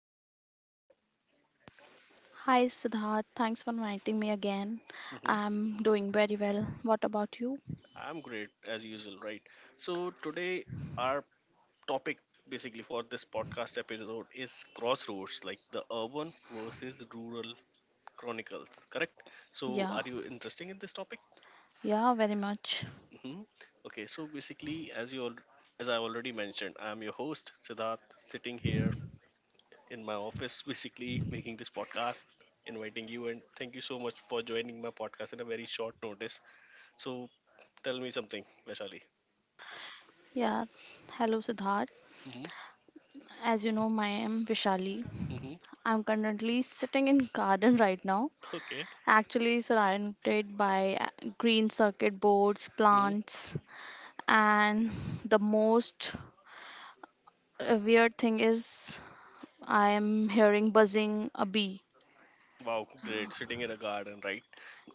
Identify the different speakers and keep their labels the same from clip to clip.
Speaker 1: how are you doing today?
Speaker 2: Hi Siddharth, thanks for inviting me again.
Speaker 1: hmm
Speaker 2: I'm doing very well. What about you?
Speaker 1: I'm great as usual, right? So today our topic basically for this podcast episode is crossroads, like the urban versus rural chronicles. Correct? So
Speaker 2: Yeah,
Speaker 1: are you interested in this topic?
Speaker 2: yeah, very much.
Speaker 1: hmm Okay, so basically, as I already mentioned, I'm your host Siddharth, sitting here in my office, basically making this podcast, inviting you, and thank you so much for joining my podcast in a very short notice. So, tell me something, Vaishali.
Speaker 2: Yeah, hello Siddharth.
Speaker 1: hmm
Speaker 2: As you know, my am Vishali.
Speaker 1: hmm
Speaker 2: I'm currently sitting in garden right now.
Speaker 1: Okay.
Speaker 2: Actually surrounded by green circuit boards,
Speaker 1: hmm
Speaker 2: plants, and the most weird thing is I'm hearing buzzing a bee.
Speaker 1: Wow, great. Sitting in a garden, right?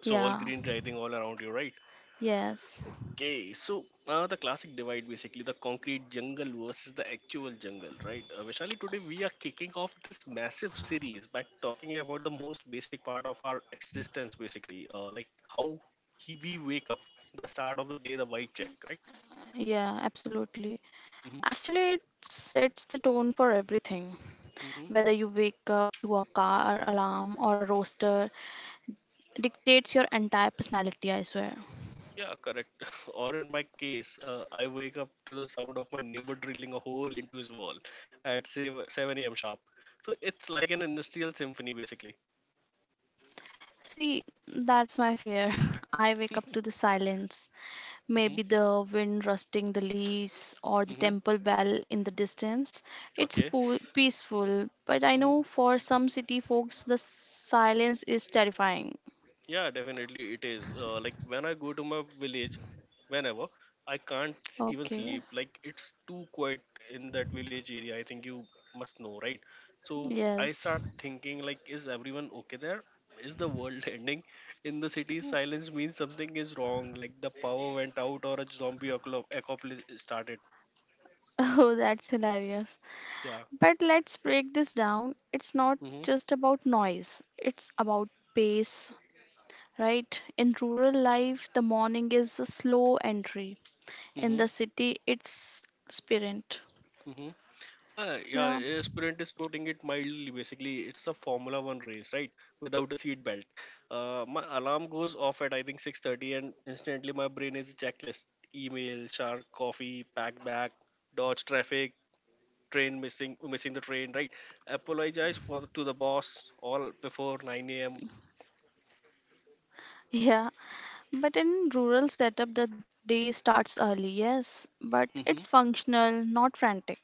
Speaker 1: So all
Speaker 2: Yeah,
Speaker 1: green, I all around you, right?
Speaker 2: yes,
Speaker 1: Okay, so the classic divide basically the concrete jungle versus the actual jungle, right? Vishali, today we are kicking off this massive series by talking about the most basic part of our existence, basically, like how we wake up, the start of the day, the vibe check, right?
Speaker 2: yeah, absolutely.
Speaker 1: hmm
Speaker 2: Actually, it sets the tone for everything.
Speaker 1: hmm
Speaker 2: Whether you wake up to a car alarm or a roaster, dictates your entire personality, I swear.
Speaker 1: Yeah, correct. Or in my case, I wake up to the sound of my neighbor drilling a hole into his wall at say 7 a.m. sharp. So it's like an industrial symphony, basically.
Speaker 2: See, that's my fear. I wake up to the silence.
Speaker 1: hmm
Speaker 2: Maybe the wind rustling the leaves or the
Speaker 1: hmm
Speaker 2: temple bell in the distance. It's
Speaker 1: Okay.
Speaker 2: peaceful, but I
Speaker 1: hmm
Speaker 2: know for some city folks the silence is terrifying.
Speaker 1: Yeah, definitely it is. Like when I go to my village, whenever I can't s- even
Speaker 2: Okay.
Speaker 1: sleep. Like it's too quiet in that village area. I think you must know, right? So I
Speaker 2: Yes.
Speaker 1: start thinking like, is everyone okay there? Is the world ending? In the city, silence means something is wrong. Like the power went out or a zombie apocalypse started.
Speaker 2: Oh, that's hilarious.
Speaker 1: Yeah.
Speaker 2: But let's break this down. It's not
Speaker 1: Mm-hmm.
Speaker 2: just about noise, it's about pace, right? In rural life, the morning is a slow entry. In
Speaker 1: Mm-hmm.
Speaker 2: the city, it's sprint.
Speaker 1: Mm-hmm. Yeah,
Speaker 2: Yeah.
Speaker 1: a sprint is putting it mildly. Basically, it's a Formula One race, right? Without a seat belt. My alarm goes off at I think 6:30, and instantly my brain is checklist: email, shark, coffee, pack back, dodge traffic, missing the train, right? Apologize for to the boss all before 9 a.m.
Speaker 2: Yeah. But in rural setup, the day starts early, yes. But
Speaker 1: Mm-hmm,
Speaker 2: it's functional, not frantic.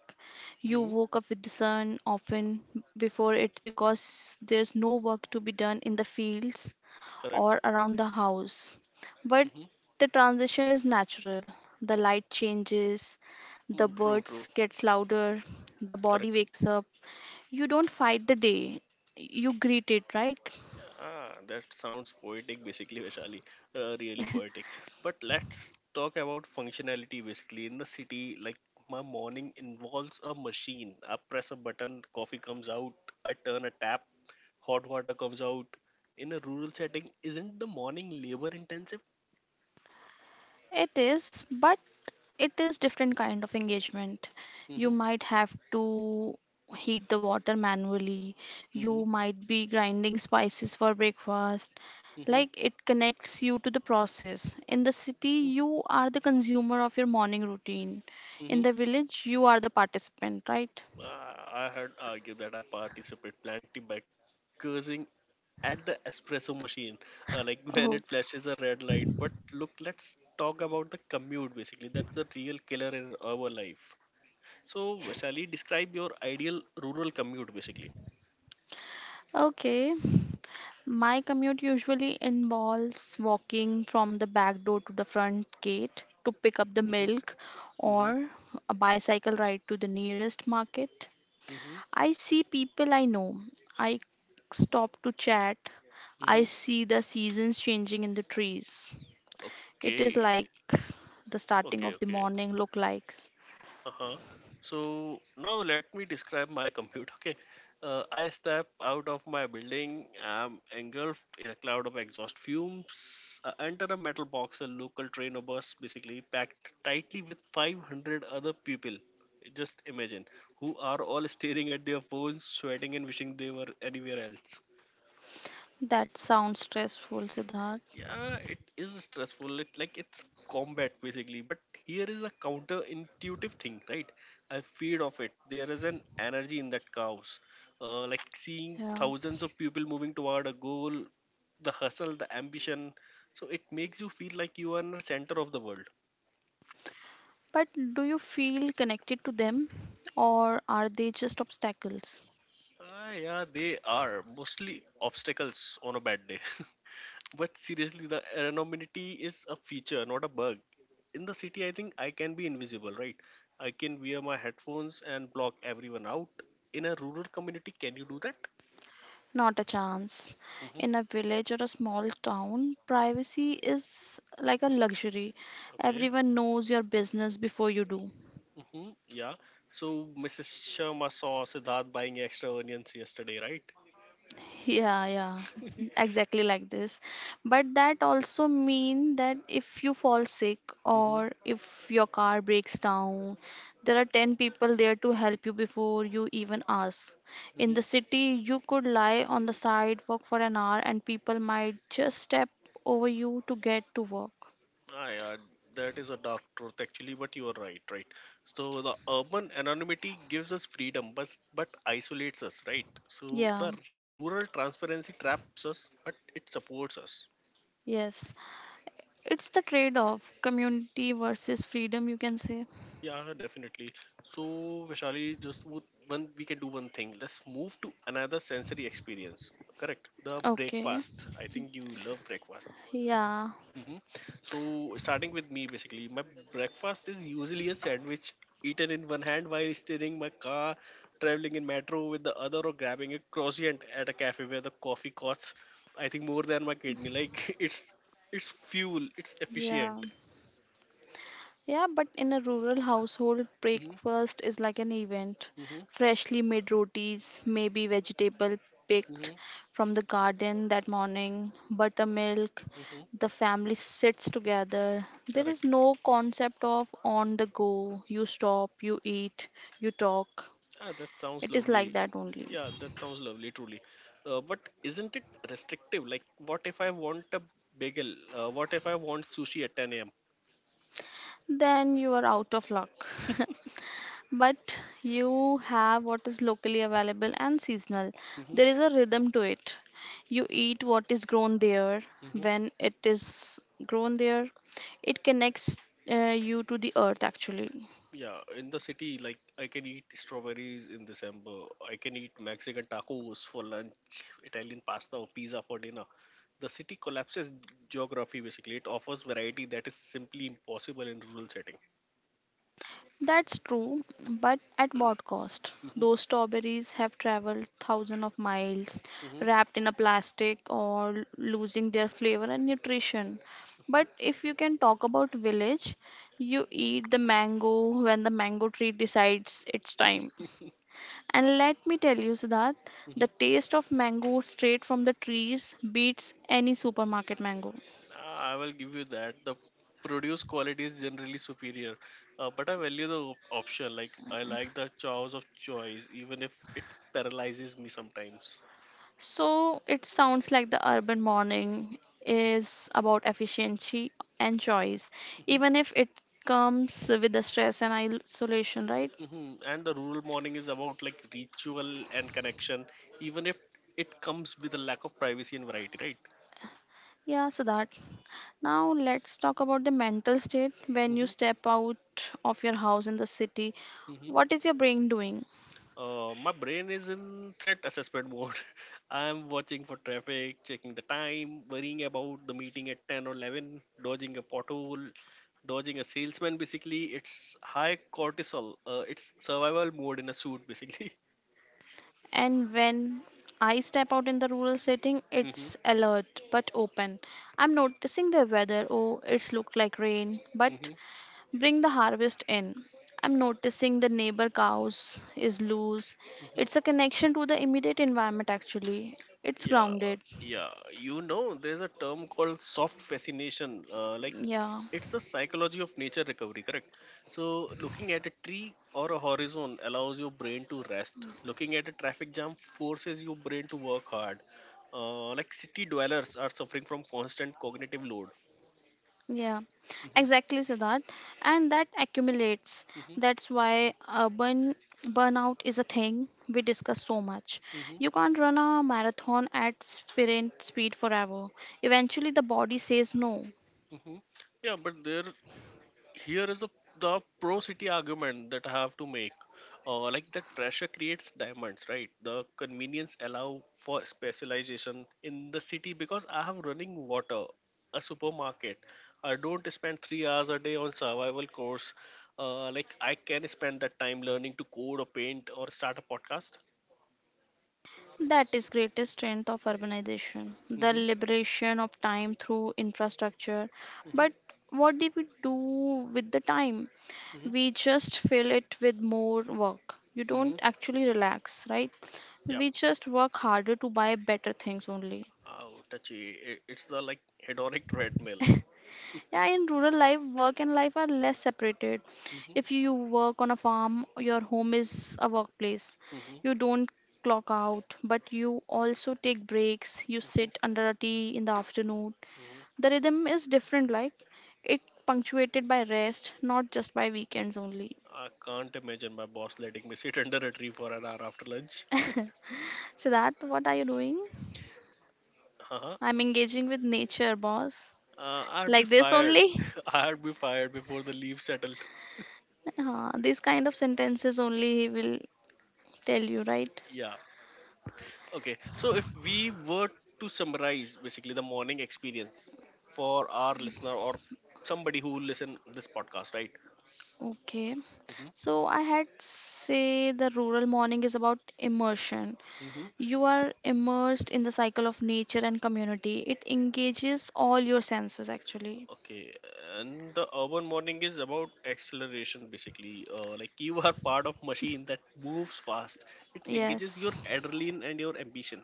Speaker 2: You
Speaker 1: mm-hmm,
Speaker 2: woke up with the sun often before it because there's no work to be done in the fields
Speaker 1: correct.
Speaker 2: or around the house. But
Speaker 1: Mm-hmm,
Speaker 2: the transition is natural. The light changes, the
Speaker 1: mm, true, true,
Speaker 2: birds gets louder, the body
Speaker 1: correct.
Speaker 2: wakes up. You don't fight the day. You greet it, right?
Speaker 1: Ah, that sounds poetic, basically, Vaishali. Really poetic. But let's talk about functionality, basically. In the city, like my morning involves a machine. I press a button, coffee comes out. I turn a tap, hot water comes out. In a rural setting, isn't the morning labor intensive?
Speaker 2: It is, but it is different kind of engagement. You
Speaker 1: Mm-hmm,
Speaker 2: might have to heat the water manually.
Speaker 1: mm-hmm,
Speaker 2: You might be grinding spices for breakfast.
Speaker 1: mm-hmm,
Speaker 2: Like it connects you to the process. In the city,
Speaker 1: mm-hmm.
Speaker 2: you are the consumer of your morning routine. In
Speaker 1: Mm-hmm.
Speaker 2: the village, you are the participant, right?
Speaker 1: Ah, I had argued that I participate plenty by cursing at the espresso machine. Like when
Speaker 2: Oh,
Speaker 1: it flashes a red light. But look, let's talk about the commute basically. That's the real killer in our life. So, Sally, describe your ideal rural commute basically.
Speaker 2: okay. My commute usually involves walking from the back door to the front gate to pick up the
Speaker 1: hmm
Speaker 2: milk
Speaker 1: hmm
Speaker 2: or a bicycle ride to the nearest market.
Speaker 1: hmm
Speaker 2: I see people I know. I stop to chat. I
Speaker 1: hmm
Speaker 2: see the seasons changing in the trees. It is
Speaker 1: Okay.
Speaker 2: like the starting
Speaker 1: Okay.
Speaker 2: of the
Speaker 1: Okay.
Speaker 2: morning look likes.
Speaker 1: Uh-huh. So now let me describe my commute. Okay, I step out of my building. I'm engulfed in a cloud of exhaust fumes. I enter a metal box, a local train or bus, basically packed tightly with 500 other people. Just imagine, who are all staring at their phones, sweating, and wishing they were anywhere else.
Speaker 2: That sounds stressful, Siddharth.
Speaker 1: Yeah, it is stressful. It's combat basically. But here is a counterintuitive thing, right? I feed off it. There is an energy in that chaos. Like seeing
Speaker 2: Yeah.
Speaker 1: thousands of people moving toward a goal, the hustle, the ambition. So it makes you feel like you are in the center of the world.
Speaker 2: But do you feel connected to them or are they just obstacles?
Speaker 1: Ah, yeah, they are mostly obstacles on a bad day. But seriously, the anonymity is a feature, not a bug. In the city I can be invisible, right? I can wear my headphones and block everyone out. In a rural community, can you do that?
Speaker 2: Not a chance.
Speaker 1: hmm
Speaker 2: In a village or a small town, privacy is like a luxury.
Speaker 1: okay.
Speaker 2: Everyone knows your business before you do.
Speaker 1: hmm yeah, so Mrs. Sharma saw Siddharth buying extra onions yesterday, right?
Speaker 2: Yeah, yeah, exactly like this. But that also mean that if you fall sick
Speaker 1: hmm
Speaker 2: or if your car breaks down, there are 10 people there to help you before you even ask. In
Speaker 1: hmm
Speaker 2: the city, you could lie on the sidewalk for an hour and people might just step over you to get to work.
Speaker 1: ah, yeah, that is a dark truth actually, but you are right, right? So the urban anonymity gives us freedom but isolates us, right? So
Speaker 2: Yeah.
Speaker 1: the rural transparency traps us but it supports us.
Speaker 2: Yes, it's the trade off community versus freedom, you can say.
Speaker 1: Yeah, definitely. So, Vishali, just wo- one we can do one thing. Let's move to another sensory experience. Correct. The
Speaker 2: Okay,
Speaker 1: breakfast. I think you love breakfast.
Speaker 2: yeah,
Speaker 1: hmm So, starting with me, basically, my breakfast is usually a sandwich eaten in one hand while steering my car, traveling in metro with the other, or grabbing a croissant at a cafe where the coffee costs, I think, more than my kidney. Like it's fuel. It's
Speaker 2: yeah,
Speaker 1: efficient.
Speaker 2: yeah, but in a rural household,
Speaker 1: hmm
Speaker 2: breakfast is like an event.
Speaker 1: hmm
Speaker 2: Freshly made rotis, maybe vegetable
Speaker 1: hmm
Speaker 2: picked from the garden that morning, buttermilk,
Speaker 1: hmm
Speaker 2: the family sits together. There is
Speaker 1: Correct.
Speaker 2: no concept of on the go. You stop, you eat, you talk.
Speaker 1: Ah, that sounds
Speaker 2: It is like
Speaker 1: lovely.
Speaker 2: that only.
Speaker 1: Yeah, that sounds lovely, truly. But isn't it restrictive? Like, what if I want a bagel? What if I want sushi at 10 a.m.?
Speaker 2: Then you are out of luck. But you have what is locally available and seasonal.
Speaker 1: Mm-hmm.
Speaker 2: There is a rhythm to it. You eat what is grown there.
Speaker 1: Mm-hmm.
Speaker 2: When it is grown there, it connects uh, you to the earth actually.
Speaker 1: Yeah, in the city, like, I can eat strawberries in December. I can eat Mexican tacos for lunch, Italian pasta or pizza for dinner. The city collapses geography, basically. It offers variety that is simply impossible in rural setting.
Speaker 2: That's true, but at what cost?
Speaker 1: Mm-hmm.
Speaker 2: Those strawberries have traveled thousands of miles,
Speaker 1: Mm-hmm.
Speaker 2: wrapped in a plastic or losing their flavor and nutrition. But if you can talk about village, you eat the mango when the mango tree decides it's time. And let me tell you, Siddharth, the
Speaker 1: Mm-hmm.
Speaker 2: taste of mango straight from the trees beats any supermarket mango.
Speaker 1: I will give you that. The produce quality is generally superior, but I value the option. Like I like the choice of choice, even if it paralyzes me sometimes.
Speaker 2: So it sounds like the urban morning is about efficiency and choice,
Speaker 1: hmm
Speaker 2: even if it comes with the stress and isolation, right?
Speaker 1: And the rural morning is about like ritual and connection, even if it comes with a lack of privacy and variety, right?
Speaker 2: Yeah, so that. Now let's talk about the mental state when you
Speaker 1: Mm-hmm.
Speaker 2: step out of your house in the city. What is your brain doing?
Speaker 1: My brain is in threat assessment mode. I'm watching for traffic, checking the time, worrying about the meeting at 10 or 11, dodging a pothole, dodging a salesman. Basically, it's high cortisol. It's survival mode in a suit, basically.
Speaker 2: And when I step out in the rural setting,
Speaker 1: hmm
Speaker 2: it's alert but open. I'm noticing the weather. Oh, it's looked like rain, but
Speaker 1: hmm
Speaker 2: bring the harvest in. I'm noticing the neighbor cows is loose. It's a
Speaker 1: hmm
Speaker 2: connection to the immediate environment actually. It's
Speaker 1: Yeah,
Speaker 2: grounded.
Speaker 1: yeah. You know, there's a term called soft fascination. Like
Speaker 2: Yeah.
Speaker 1: it's the psychology of nature recovery, correct? So looking at a tree or a horizon allows your brain to rest. Looking at a traffic jam forces your brain to work hard. Like city dwellers are suffering from constant cognitive load.
Speaker 2: Yeah.
Speaker 1: hmm
Speaker 2: Exactly, Siddharth. And that accumulates.
Speaker 1: hmm
Speaker 2: That's why urban burnout is a thing we discuss so much.
Speaker 1: hmm
Speaker 2: You can't run a marathon at sprint speed forever. Eventually the body says no.
Speaker 1: hmm Yeah, but there here is a, the pro city argument that I have to make. Like that pressure creates diamonds, right? The convenience allow for specialization in the city because I have running water, a supermarket. I don't spend 3 hours a day on survival course. Like I can spend that time learning to code or paint or start a podcast.
Speaker 2: That is greatest strength of urbanization, the
Speaker 1: Mm-hmm,
Speaker 2: liberation of time through infrastructure.
Speaker 1: mm-hmm,
Speaker 2: But what do we do with the time?
Speaker 1: mm-hmm,
Speaker 2: We just fill it with more work. You
Speaker 1: mm-hmm.
Speaker 2: don't actually relax, right?
Speaker 1: Yeah.
Speaker 2: We just work harder to buy better things only.
Speaker 1: Oh, touchy. It's the like hedonic treadmill.
Speaker 2: Yeah, in rural life, work and life are less separated.
Speaker 1: Mm-hmm,
Speaker 2: If you work on a farm, your home is a workplace.
Speaker 1: mm-hmm, mm-hmm,
Speaker 2: You don't clock out, but you also take breaks. You sit under a tea in the afternoon.
Speaker 1: mm-hmm.
Speaker 2: The rhythm is different, like it punctuated by rest, not just by weekends only.
Speaker 1: I can't imagine my boss letting me sit under a tree for an hour after lunch.
Speaker 2: So that what are you doing?
Speaker 1: Uh-huh.
Speaker 2: I'm engaging with nature, boss.
Speaker 1: I'd be
Speaker 2: Like this
Speaker 1: fired.
Speaker 2: only?
Speaker 1: I'd be fired before the leaves settled.
Speaker 2: These kind of sentences only he will tell you, right?
Speaker 1: Yeah. Okay. So if we were to summarize basically the morning experience for our listener or somebody who listen this podcast, right?
Speaker 2: Okay,
Speaker 1: hmm
Speaker 2: so I had say the rural morning is about immersion.
Speaker 1: hmm
Speaker 2: You are immersed in the cycle of nature and community. It engages all your senses actually.
Speaker 1: Okay. And the urban morning is about acceleration basically. Like you are part of machine that moves fast. It engages your
Speaker 2: Yes.
Speaker 1: adrenaline and your ambition,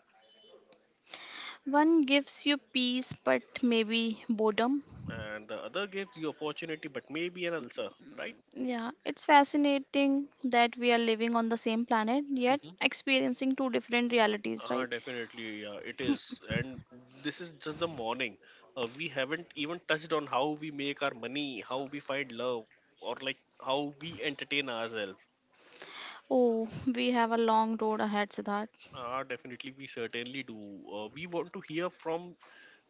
Speaker 2: One gives you peace, but maybe boredom.
Speaker 1: and the other gives the opportunity but maybe an ulcer, right?
Speaker 2: Yeah, it's fascinating that we are living on the same planet, yet
Speaker 1: hmm
Speaker 2: experiencing two different realities,
Speaker 1: Ah,
Speaker 2: right?
Speaker 1: definitely yeah, it is, and this is just the morning. We haven't even touched on how we make our money, how we find love, or like how we entertain ourselves.
Speaker 2: Oh, we have a long road ahead, Siddharth.
Speaker 1: Ah, definitely we certainly do. We want to hear from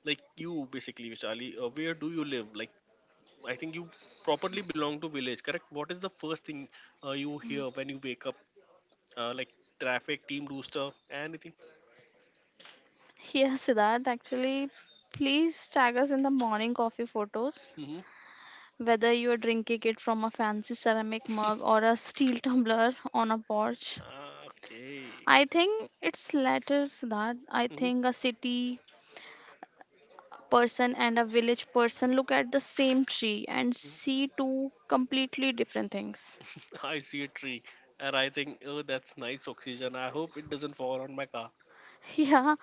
Speaker 1: like you basically, Vishali. Where do you live? Like I think you properly belong to village, correct? What is the first thing you hear when you wake up? Like traffic team rooster, anything?
Speaker 2: Yes, Siddharth, actually, please tag us in the morning coffee photos. Whether you are drinking it from a fancy ceramic mug or a steel tumbler on a porch.
Speaker 1: Ah, okay.
Speaker 2: I think it's latter, Siddharth. I
Speaker 1: Mhm,
Speaker 2: think a city person and a village person look at the same tree and
Speaker 1: mhm.
Speaker 2: see two completely different things.
Speaker 1: I see a tree and I think, oh, that's nice oxygen. I hope it doesn't fall on my car.
Speaker 2: Yeah,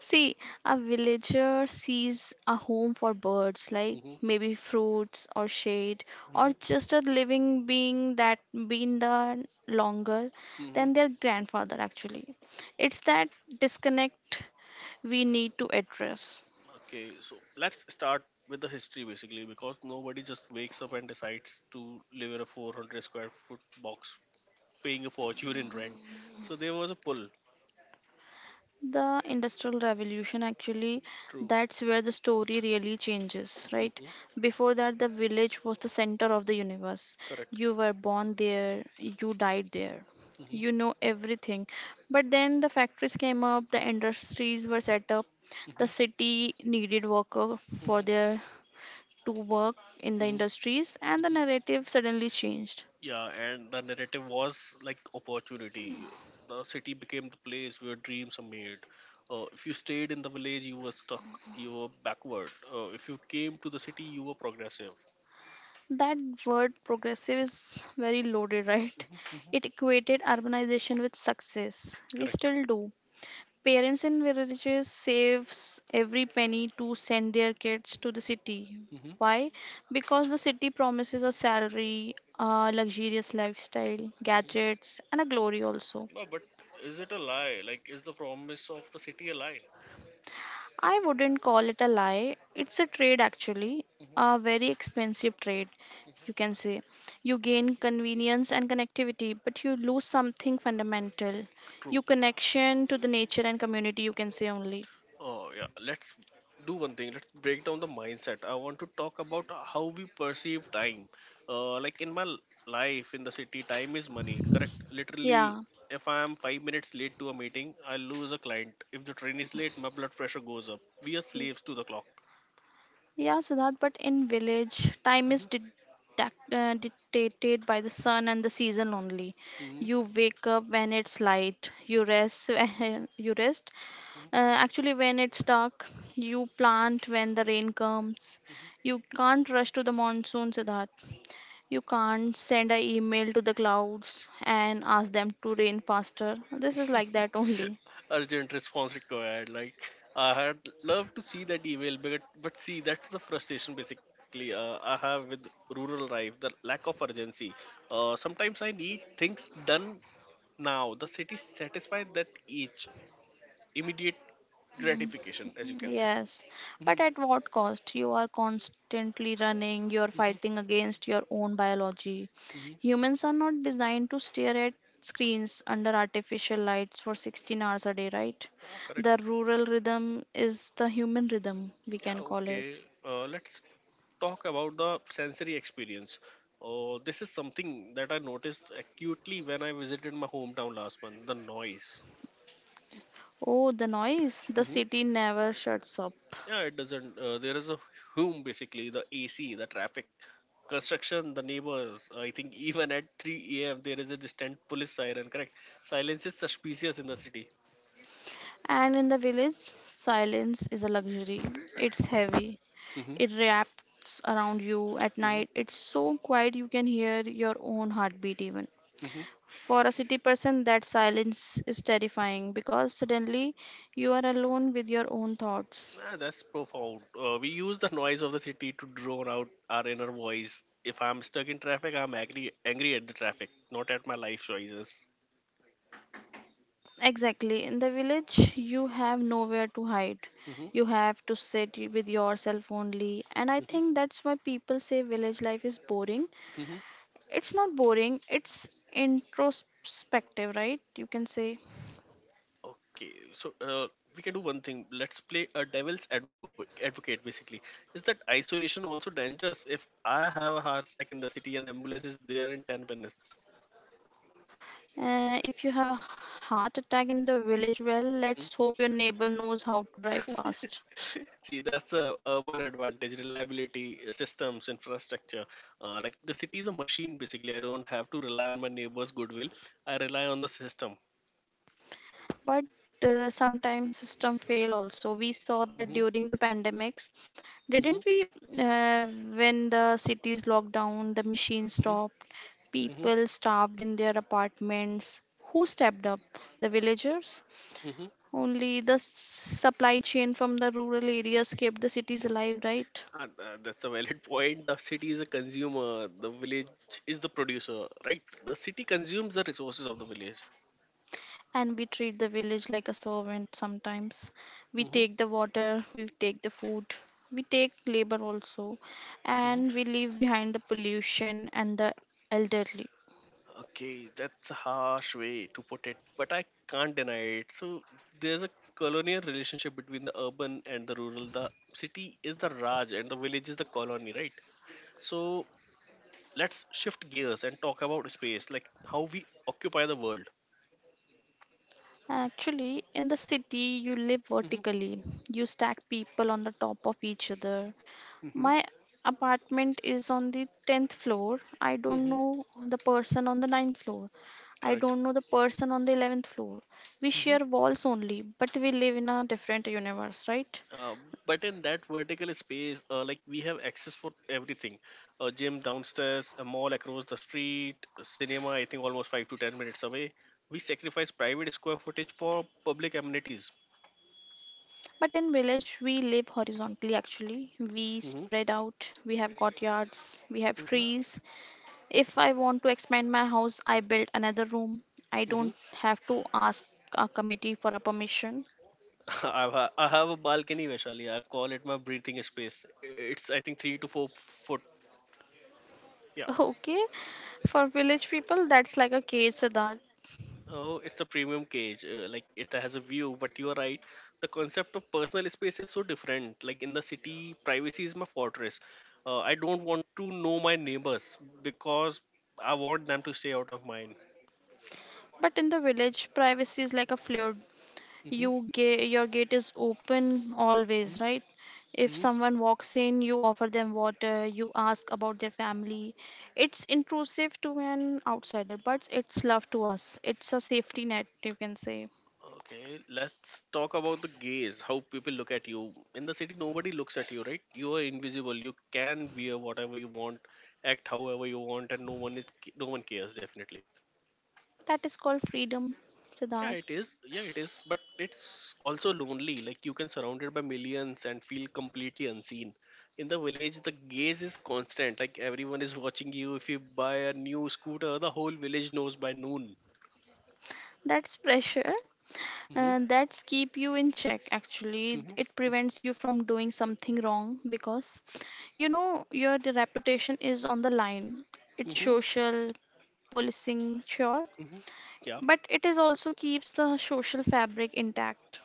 Speaker 2: see, a villager sees a home for birds, like
Speaker 1: hmm
Speaker 2: maybe fruits or shade,
Speaker 1: hmm
Speaker 2: or just a living being that been there longer
Speaker 1: hmm
Speaker 2: than their grandfather, actually. It's that disconnect we need to address.
Speaker 1: Okay, so let's start with the history basically, because nobody just wakes up and decides to live in a 400 square foot box paying a fortune in rent. So there was a pull.
Speaker 2: The industrial revolution actually,
Speaker 1: True.
Speaker 2: that's where the story really changes, right?
Speaker 1: hmm
Speaker 2: Before that, the village was the center of the universe.
Speaker 1: Correct.
Speaker 2: You were born there, you died there,
Speaker 1: hmm
Speaker 2: you know everything. But then the factories came up, the industries were set up, the
Speaker 1: hmm
Speaker 2: city needed worker for
Speaker 1: hmm
Speaker 2: their to work in the industries, and the
Speaker 1: hmm
Speaker 2: narrative suddenly changed.
Speaker 1: Yeah, and the narrative was like opportunity. The city became the place where dreams are made. If you stayed in the village, you were stuck, you were backward. If you came to the city, you were progressive.
Speaker 2: That word progressive is very loaded, right?
Speaker 1: hmm hmm
Speaker 2: It equated urbanization with success. We
Speaker 1: Correct.
Speaker 2: still do. Parents in villages saves every penny to send their kids to the city.
Speaker 1: hmm
Speaker 2: Why? Because the city promises a salary, a luxurious lifestyle, gadgets, and a glory also.
Speaker 1: No, but is it a lie? Like, is the promise of the city a lie?
Speaker 2: I wouldn't call it a lie. It's a trade, actually,
Speaker 1: hmm
Speaker 2: a very expensive trade, you can say. You gain convenience and connectivity, but you lose something fundamental,
Speaker 1: True.
Speaker 2: your connection to the nature and community, you can say only.
Speaker 1: Oh, yeah. Let's do one thing. Let's break down the mindset. I want to talk about how we perceive time. Like in my life in the city, time is money, correct? Literally,
Speaker 2: Yeah,
Speaker 1: if I am 5 minutes late to a meeting, I lose a client. If the train is late, my blood pressure goes up. We are slaves to the clock.
Speaker 2: yeah, Siddharth, but in village, time is dictated by the sun and the season only.
Speaker 1: Mhm.
Speaker 2: You wake up when it's light, you rest, you rest Uh,
Speaker 1: Hmm.
Speaker 2: actually, when it's dark, you plant when the rain comes. You can't rush to the monsoon, Siddharth. You can't send an email to the clouds and ask them to rain faster. This is like that only.
Speaker 1: Urgent response required. Like, I had loved to see that email, but see, that's the frustration basically, I have with rural life, the lack of urgency. Sometimes I need things done now. The city satisfies that. Each immediate gratification, as you can say.
Speaker 2: Yes,
Speaker 1: Hmm.
Speaker 2: but at what cost? You are constantly running, you are
Speaker 1: Hmm.
Speaker 2: fighting against your own biology.
Speaker 1: Hmm.
Speaker 2: Humans are not designed to stare at screens under artificial lights for 16 hours a day, right?
Speaker 1: Ah,
Speaker 2: The
Speaker 1: correct.
Speaker 2: rural rhythm is the human rhythm, we
Speaker 1: Yeah.
Speaker 2: can call it.
Speaker 1: Okay. Let's talk about the sensory experience. Oh, this is something that I noticed acutely when I visited my hometown last month. The noise.
Speaker 2: Oh, the noise! The
Speaker 1: Hmm.
Speaker 2: city never shuts up.
Speaker 1: Yeah, it doesn't. There is a hum basically, the AC, the traffic, construction, the neighbors. I think even at 3 a.m. there is a distant police siren. Correct. Silence is suspicious in the city.
Speaker 2: And in the village, silence is a luxury. It's heavy.
Speaker 1: Hmm.
Speaker 2: It wraps around you at night.
Speaker 1: Hmm.
Speaker 2: It's so quiet you can hear your own heartbeat even.
Speaker 1: Hmm.
Speaker 2: For a city person, that silence is terrifying because suddenly you are alone with your own thoughts.
Speaker 1: Ah, that's profound. We use the noise of the city to drown out our inner voice. If I'm stuck in traffic, I'm angry, angry at the traffic, not at my life choices.
Speaker 2: Exactly. In the village, you have nowhere to hide.
Speaker 1: Hmm.
Speaker 2: You have to sit with yourself only. And I think that's why people say village life is boring.
Speaker 1: Hmm.
Speaker 2: It's not boring, it's introspective, right? You can say.
Speaker 1: Okay, so we can do one thing. Let's play a devil's advocate. Advocate basically, is that isolation also dangerous? If I have a heart attack in the city and ambulance is there in 10 minutes.
Speaker 2: If you have a heart attack in the village, well, let's hope your neighbor knows how to drive
Speaker 1: Hmm?
Speaker 2: fast.
Speaker 1: See, that's a urban advantage, reliability, systems, infrastructure. Like the city is a machine basically. I don't have to rely on my neighbor's goodwill. I rely on the system.
Speaker 2: But sometimes system fail also. We saw
Speaker 1: Hmm.
Speaker 2: that during the pandemics,
Speaker 1: Hmm.
Speaker 2: didn't we? When the cities locked down, the machines
Speaker 1: Hmm.
Speaker 2: stopped,
Speaker 1: Hmm.
Speaker 2: people starved in their apartments. Who stepped up? The villagers?
Speaker 1: Hmm.
Speaker 2: Only the supply chain from the rural areas kept the cities alive, right?
Speaker 1: That's a valid point. The city is a consumer, the village is the producer, right? The city consumes the resources of the village.
Speaker 2: And we treat the village like a servant sometimes. We
Speaker 1: Hmm.
Speaker 2: take the water, we take the food, we take labor also,
Speaker 1: Hmm.
Speaker 2: and we leave behind the pollution and the elderly.
Speaker 1: Okay, that's a harsh way to put it, but I can't deny it. So there's a colonial relationship between the urban and the rural. The city is the Raj and the village is the colony, right? So let's shift gears and talk about space, like how we occupy the world.
Speaker 2: Actually, in the city you live
Speaker 1: Hmm.
Speaker 2: vertically, you stack people on the top of each other.
Speaker 1: Hmm.
Speaker 2: My apartment is on the 10th floor. I don't
Speaker 1: Hmm.
Speaker 2: know the person on the ninth floor. I
Speaker 1: Correct.
Speaker 2: don't know the person on the 11th floor. We
Speaker 1: Mm-hmm.
Speaker 2: share walls only, but we live in a different universe, right?
Speaker 1: Uh, but in that vertical space, like we have access for everything, a gym downstairs, a mall across the street, a cinema. I think almost 5 to 10 minutes away. We sacrifice private square footage for public amenities.
Speaker 2: But in village, we live horizontally actually. We
Speaker 1: Hmm.
Speaker 2: spread out, we have courtyards, we have
Speaker 1: Hmm.
Speaker 2: trees. If I want to expand my house, I build another room. I
Speaker 1: Hmm.
Speaker 2: don't have to ask a committee for a permission.
Speaker 1: I have a balcony, Vaishali. I call it my breathing space. It's I think 3 to 4 foot. Yeah.
Speaker 2: Okay, for village people, that's like a cage, Siddharth.
Speaker 1: Oh, it's a premium cage. Like it has a view, but you are right. The concept of personal space is so different. Like in the city, privacy is my fortress. I don't want to know my neighbors because I want them to stay out of mine.
Speaker 2: But in the village, privacy is like a fluid.
Speaker 1: Hmm.
Speaker 2: Your gate is open always, right? If
Speaker 1: Hmm.
Speaker 2: someone walks in, you offer them water, you ask about their family. It's intrusive to an outsider, but it's love to us. It's a safety net, you can say.
Speaker 1: Okay, let's talk about the gaze, how people look at you. In the city, nobody looks at you, right? You are invisible. You can wear whatever you want, act however you want, and no one cares, definitely.
Speaker 2: That is called freedom,
Speaker 1: Yeah, it
Speaker 2: Siddharth.
Speaker 1: is. Yeah, it is. But it's also lonely. Like you can surrounded by millions and feel completely unseen. In the village, the gaze is constant. Like everyone is watching you. If you buy a new scooter, the whole village knows by noon.
Speaker 2: That's pressure.
Speaker 1: Mm-hmm.
Speaker 2: That's keep you in check actually, it
Speaker 1: Mm-hmm.
Speaker 2: prevents you from doing something wrong because you know your reputation is on the line, it's
Speaker 1: Mm-hmm.
Speaker 2: social policing, sure,
Speaker 1: Mm-hmm. Yeah.
Speaker 2: but it is also keeps the social fabric intact.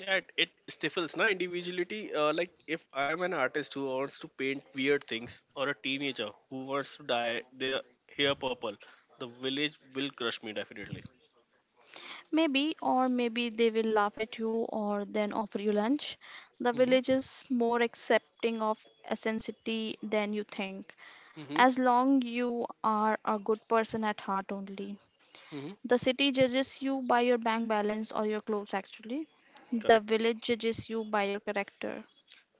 Speaker 1: Yeah, it stifles na individuality. Like if I am an artist who wants to paint weird things, or a teenager who wants to dye their hair purple, the village will crush me definitely.
Speaker 2: Maybe, or maybe they will laugh at you or then offer you lunch. The
Speaker 1: Mm-hmm.
Speaker 2: village is more accepting of ethnicity than you think,
Speaker 1: Mm-hmm.
Speaker 2: as long you are a good person at heart only.
Speaker 1: Mm-hmm.
Speaker 2: The city judges you by your bank balance or your clothes, actually. The
Speaker 1: Correct.
Speaker 2: village judges you by your character.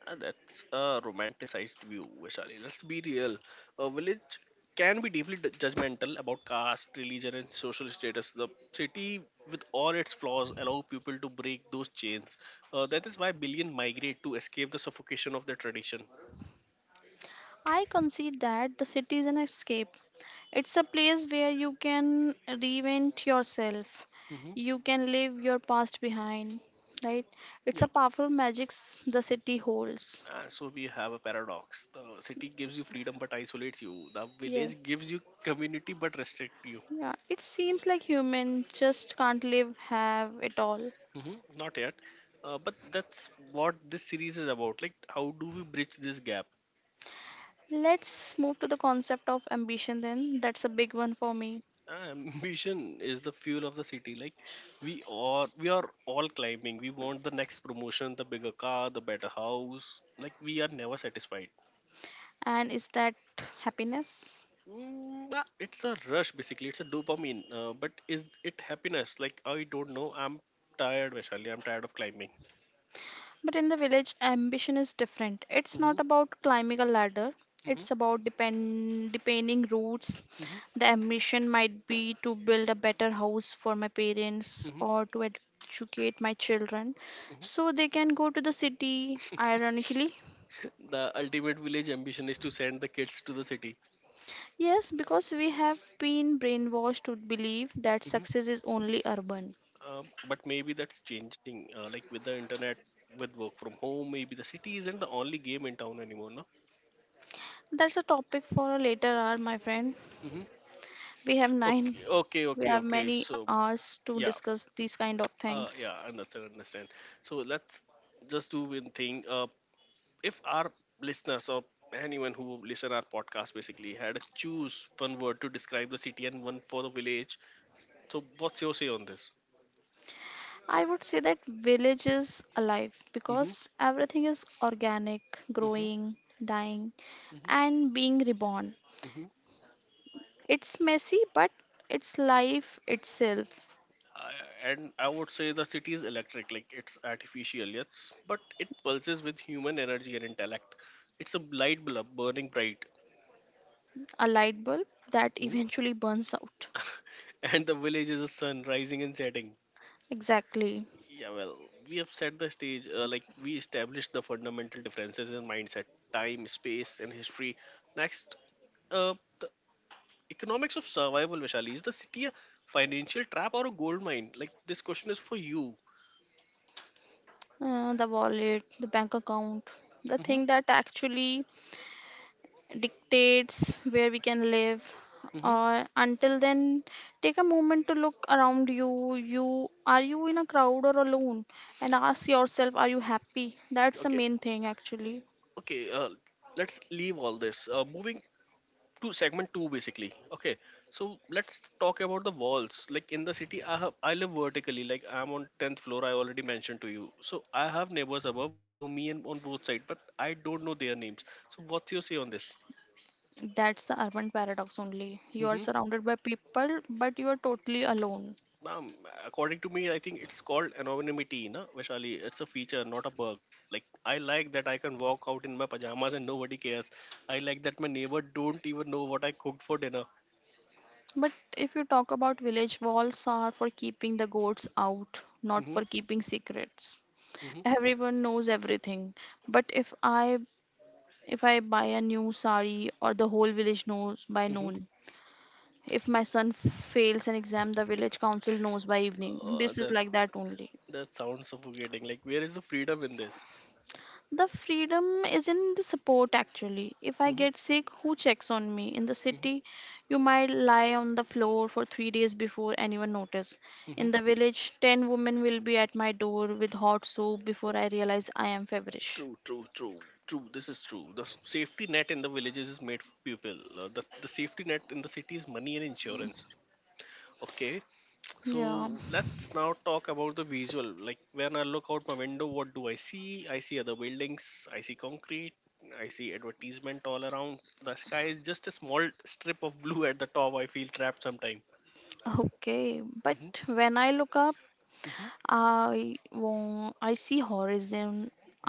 Speaker 1: That's a romanticized view, Vaishali. Let's be real. A village can be deeply judgmental about caste, religion, and social status. The city, with all its flaws, allow people to break those chains. That is why billion migrate to escape the suffocation of their tradition.
Speaker 2: I concede that the city is an escape. It's a place where you can reinvent yourself.
Speaker 1: Hmm.
Speaker 2: You can leave your past behind, right? It's a
Speaker 1: Yeah.
Speaker 2: powerful the city holds.
Speaker 1: So we have a paradox. The city gives you freedom but isolates you. The village
Speaker 2: Yes.
Speaker 1: gives you community but restricts you.
Speaker 2: Yeah, it seems like human just can't live, have it all.
Speaker 1: Hmm. Not yet. But that's what this series is about. Like, how do we bridge this gap?
Speaker 2: Let's move to the concept of ambition then. That's a big one for me.
Speaker 1: Ah, ambition is the fuel of the city. Like, we are all climbing. We want the next promotion, the bigger car, the better house. Like, we are never satisfied.
Speaker 2: And is that happiness?
Speaker 1: Ah, it's a rush basically. It's a dopamine, but is it happiness? Like, I don't know. I'm tired, Vaishali. I'm tired of climbing.
Speaker 2: But in the village, ambition is different. It's
Speaker 1: Hmm.
Speaker 2: not about climbing a ladder, it's about depending roots.
Speaker 1: Hmm.
Speaker 2: The ambition might be to build a better house for my parents
Speaker 1: Hmm.
Speaker 2: or to educate my children
Speaker 1: Hmm.
Speaker 2: so they can go to the city, ironically.
Speaker 1: The ultimate village ambition is to send the kids to the city.
Speaker 2: Yes, because we have been brainwashed to believe that
Speaker 1: Mm-hmm.
Speaker 2: success is only urban.
Speaker 1: But maybe that's changing. Like with the internet, with work from home, maybe the city isn't the only game in town anymore, no?
Speaker 2: That's a topic for a later hour, my friend.
Speaker 1: Mm-hmm.
Speaker 2: We have nine.
Speaker 1: Okay, okay,
Speaker 2: We
Speaker 1: okay,
Speaker 2: have
Speaker 1: okay.
Speaker 2: many
Speaker 1: So
Speaker 2: hours to
Speaker 1: yeah,
Speaker 2: discuss these kind of things.
Speaker 1: yeah, understand, understand. So let's just do one thing. If our listeners or anyone who listen our podcast basically had to choose one word to describe the city and one for the village, so what's your say on this?
Speaker 2: I would say that village is alive
Speaker 1: Mm-hmm.
Speaker 2: because everything is organic,
Speaker 1: Mm-hmm.
Speaker 2: growing, dying, and being reborn.
Speaker 1: Mm-hmm.
Speaker 2: It's messy, but it's life itself.
Speaker 1: And I would say the city is electric, like it's artificial, yes, but it pulses with human energy and intellect. It's a light bulb burning bright.
Speaker 2: A light bulb that
Speaker 1: Hmm?
Speaker 2: eventually burns out.
Speaker 1: And the village is a sun rising and setting.
Speaker 2: Exactly.
Speaker 1: Yeah, well, we have set the stage, like we established the fundamental differences in mindset, time, space, and history. Next, uh, the economics of survival, Vishali, is the city a financial trap or a gold mine? Like this question is for you.
Speaker 2: The wallet, the bank account, the
Speaker 1: Hmm.
Speaker 2: thing that actually dictates where we can live.
Speaker 1: Hmm.
Speaker 2: Or until then, take a moment to look around you. You are you in a crowd or alone? And ask yourself, are you happy? That's the
Speaker 1: Okay.
Speaker 2: main thing actually.
Speaker 1: Okay, let's leave all this, moving to segment 2 basically. Okay. So let's talk about the walls. Like in the city, I live vertically. Like I'm on 10th floor, I already mentioned to you. So I have neighbors above below me and on both sides, but I don't know their names. So what's your say on this?
Speaker 2: That's the urban paradox only. You are
Speaker 1: Mm-hmm.
Speaker 2: surrounded by people, but you are totally alone.
Speaker 1: um, According to me, I think it's called anonymity na, Vaishali. It's a feature, not a bug. Like, I like that I can walk out in my pajamas and nobody cares. I like that my neighbor don't even know what I cooked for dinner.
Speaker 2: But if you talk about village, walls are for keeping the goats out, not
Speaker 1: Mm-hmm.
Speaker 2: for keeping secrets.
Speaker 1: Mm-hmm.
Speaker 2: Everyone knows everything. But if I buy a new sari or the whole village knows by
Speaker 1: Hmm.
Speaker 2: noon. If my son fails an exam, the village council knows by evening.
Speaker 1: Uh,
Speaker 2: This is
Speaker 1: that
Speaker 2: like that only.
Speaker 1: that sounds suffocating. Like, where is the freedom in this?
Speaker 2: The freedom is in the support actually. If I
Speaker 1: Hmm.
Speaker 2: get sick, who checks on me? In the
Speaker 1: Hmm.
Speaker 2: city, you might lie on the floor for 3 days before anyone notice.
Speaker 1: Hmm.
Speaker 2: In the village, ten women will be at my door with hot soup before I realize I am feverish.
Speaker 1: True, true, true, true. This is true. The safety net in the villages is made for people. The safety net in the city is money and insurance. Okay,
Speaker 2: Yeah,
Speaker 1: so let's now talk about the visual. Like, when I look out my window, what do I see? I see other buildings. I see concrete. I see advertisement all around. The sky is just a small strip of blue at the top. I feel trapped sometimes.
Speaker 2: okay.
Speaker 1: Mm-hmm.
Speaker 2: But when I look up,
Speaker 1: Mm-hmm.
Speaker 2: I won't. I see horizon.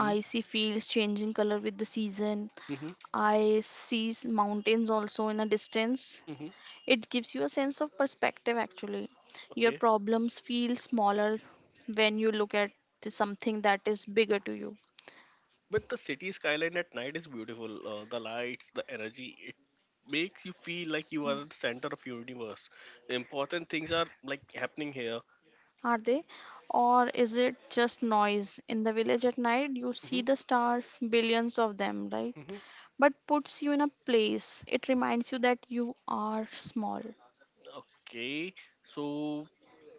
Speaker 2: I see fields changing color with the season.
Speaker 1: Mm-hmm.
Speaker 2: I see mountains also in a distance.
Speaker 1: Mm-hmm.
Speaker 2: It gives you a sense of perspective actually. Your
Speaker 1: Okay.
Speaker 2: problems feel smaller when you look at the something that is bigger to you.
Speaker 1: But the city skyline at night is beautiful. The lights, the energy, it makes you feel like you are the center of universe. Important things are like happening here.
Speaker 2: Are they? Or is it just noise? In the village at night, you see
Speaker 1: Hmm.
Speaker 2: the stars, billions of them, right?
Speaker 1: Hmm.
Speaker 2: But puts you in a place. It reminds you that you are small.
Speaker 1: Okay. So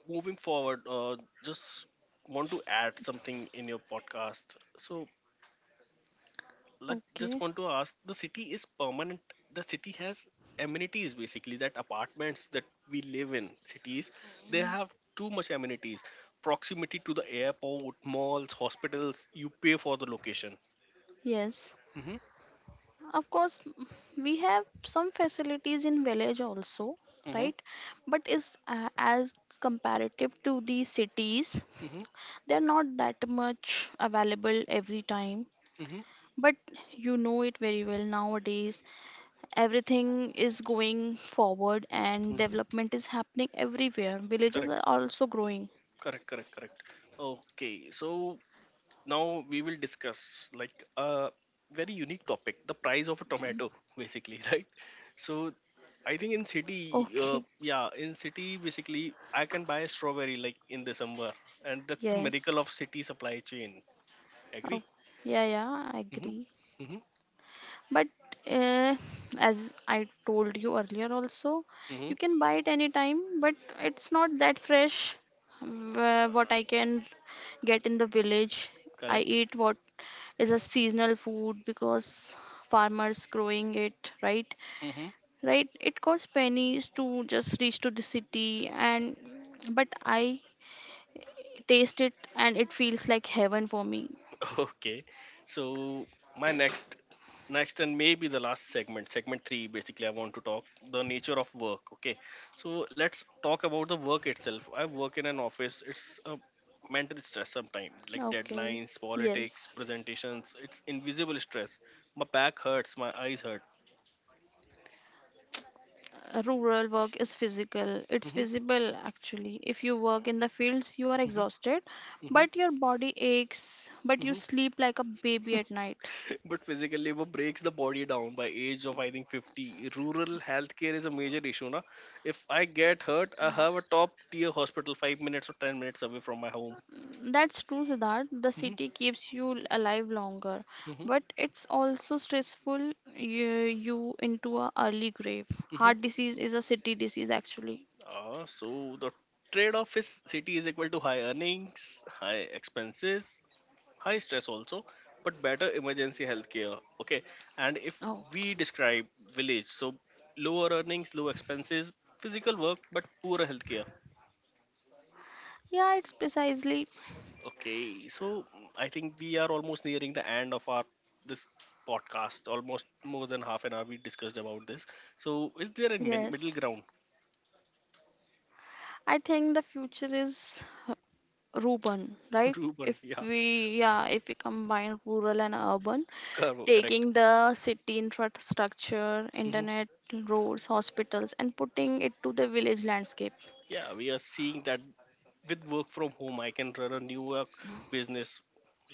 Speaker 1: moving forward, just want to add something in your podcast. So like, just
Speaker 2: Okay.
Speaker 1: want to ask, the city is permanent. The city has amenities basically, that apartments that we live in cities, they have too much amenities, proximity to the airport, malls, hospitals. You pay for the location.
Speaker 2: Yes,
Speaker 1: Mm-hmm.
Speaker 2: of course, we have some facilities in village also,
Speaker 1: Mm-hmm.
Speaker 2: right? But is as comparative to the cities,
Speaker 1: Mm-hmm.
Speaker 2: they're not that much available every time.
Speaker 1: Mm-hmm.
Speaker 2: But you know it very well nowadays. Everything is going forward and development is happening everywhere. Villages
Speaker 1: Correct,
Speaker 2: are also growing.
Speaker 1: correct, correct, correct. Okay, so now we will discuss like a very unique topic, the price of a tomato, basically. Right. So I think in city, uh,
Speaker 2: Okay.
Speaker 1: yeah in city basically, I can buy a strawberry like in December. And that's the miracle of
Speaker 2: Yes.
Speaker 1: city supply chain. Agree.
Speaker 2: Oh, yeah, yeah, I
Speaker 1: Mm-hmm.
Speaker 2: agree.
Speaker 1: Mm-hmm.
Speaker 2: But uh, as I told you earlier, also,
Speaker 1: Mm-hmm.
Speaker 2: you can buy it anytime, but it's not that fresh. What I
Speaker 1: Uh,
Speaker 2: can get in the village, I
Speaker 1: correct.
Speaker 2: eat what is a seasonal food because farmers growing it, right?
Speaker 1: Mm-hmm.
Speaker 2: Right? It costs pennies to just reach to the city, and but I taste it and it feels like heaven for me.
Speaker 1: Okay. So my next and maybe the last segment, segment 3 basically, I want to talk the nature of work, okay? So let's talk about the work itself. I work in an office. It's a mental stress sometimes, like
Speaker 2: Okay.
Speaker 1: deadlines, politics,
Speaker 2: Yes.
Speaker 1: presentations. It's invisible stress. My back hurts, my eyes hurt.
Speaker 2: Uh, rural work is physical, it's
Speaker 1: Mhm.
Speaker 2: visible actually. If you work in the fields you are
Speaker 1: Mhm.
Speaker 2: exhausted,
Speaker 1: Mhm.
Speaker 2: but your body aches but you
Speaker 1: Mhm.
Speaker 2: sleep like a baby at night.
Speaker 1: But physically, वो breaks the body down by age of I think 50. Rural healthcare is a major issue, na. If I get hurt, I have a top tier hospital 5 minutes or 10 minutes away from my home.
Speaker 2: That's true, Siddharth. The
Speaker 1: Hmm.
Speaker 2: city keeps you alive longer,
Speaker 1: Hmm.
Speaker 2: but it's also stressful. you, you into a early grave.
Speaker 1: Hmm.
Speaker 2: Heart disease is a city disease actually.
Speaker 1: Ah, so the trade-off is, city is equal to high earnings, high expenses, high stress also, but better emergency healthcare. Okay, and if
Speaker 2: Oh
Speaker 1: we describe village, so lower earnings, low expenses, physical work, but poorer healthcare.
Speaker 2: yeah, it's precisely.
Speaker 1: Okay, so I think we are almost nearing the end of our this podcast. Almost more than half an hour we discussed about this. So is there a
Speaker 2: Yes,
Speaker 1: middle ground?
Speaker 2: I think the future is urban, right?
Speaker 1: Ruben?
Speaker 2: If
Speaker 1: Yeah,
Speaker 2: we, yeah, if we combine rural and urban,
Speaker 1: correct.
Speaker 2: taking the city infrastructure,
Speaker 1: Hmm.
Speaker 2: internet, roads, hospitals, and putting it to the village landscape.
Speaker 1: Yeah, we are seeing that with work from home, I can run a New York business,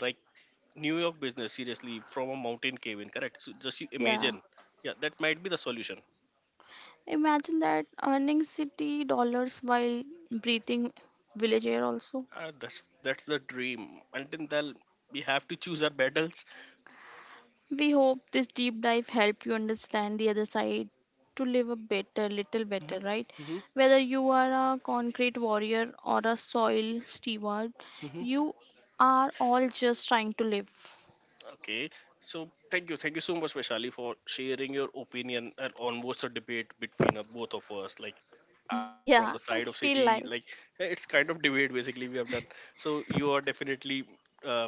Speaker 1: like New York business, seriously from a mountain cabin. Correct. So just you
Speaker 2: Yeah.
Speaker 1: imagine. Yeah, that might be the solution.
Speaker 2: Imagine that earning city dollars while breathing village air also.
Speaker 1: That's the dream. Until then, we have to choose our battles.
Speaker 2: We hope this deep dive helped you understand the other side to live a better, little
Speaker 1: Hmm.
Speaker 2: better, right? Whether you are a concrete warrior or a soil steward,
Speaker 1: Hmm.
Speaker 2: you are all just trying to live.
Speaker 1: Okay, so thank you so much, Vaishali, for sharing your opinion and almost a debate between, both of us. Like, I'm from
Speaker 2: Yeah,
Speaker 1: the side
Speaker 2: it's
Speaker 1: of
Speaker 2: feel
Speaker 1: city.
Speaker 2: like.
Speaker 1: Like, it's kind of debate basically we have done. So you are definitely uh,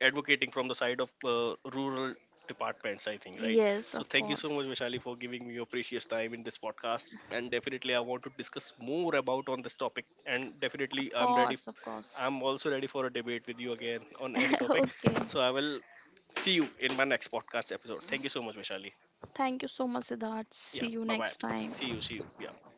Speaker 1: advocating from the side of rural departments, I think, right?
Speaker 2: Yes,
Speaker 1: So
Speaker 2: of
Speaker 1: thank you so much,
Speaker 2: course.
Speaker 1: Vishali, for giving me your precious time in this podcast. And definitely, I want to discuss more about on this topic. And definitely,
Speaker 2: Of
Speaker 1: I'm ready.
Speaker 2: course, of course.
Speaker 1: I'm also ready for a debate with you again on any topic.
Speaker 2: Okay.
Speaker 1: So I will see you in my next podcast episode. Thank you so much, Vishali.
Speaker 2: Thank you so much, Siddharth.
Speaker 1: Yeah.
Speaker 2: See you
Speaker 1: bye bye
Speaker 2: next time.
Speaker 1: see you, see you. Yeah.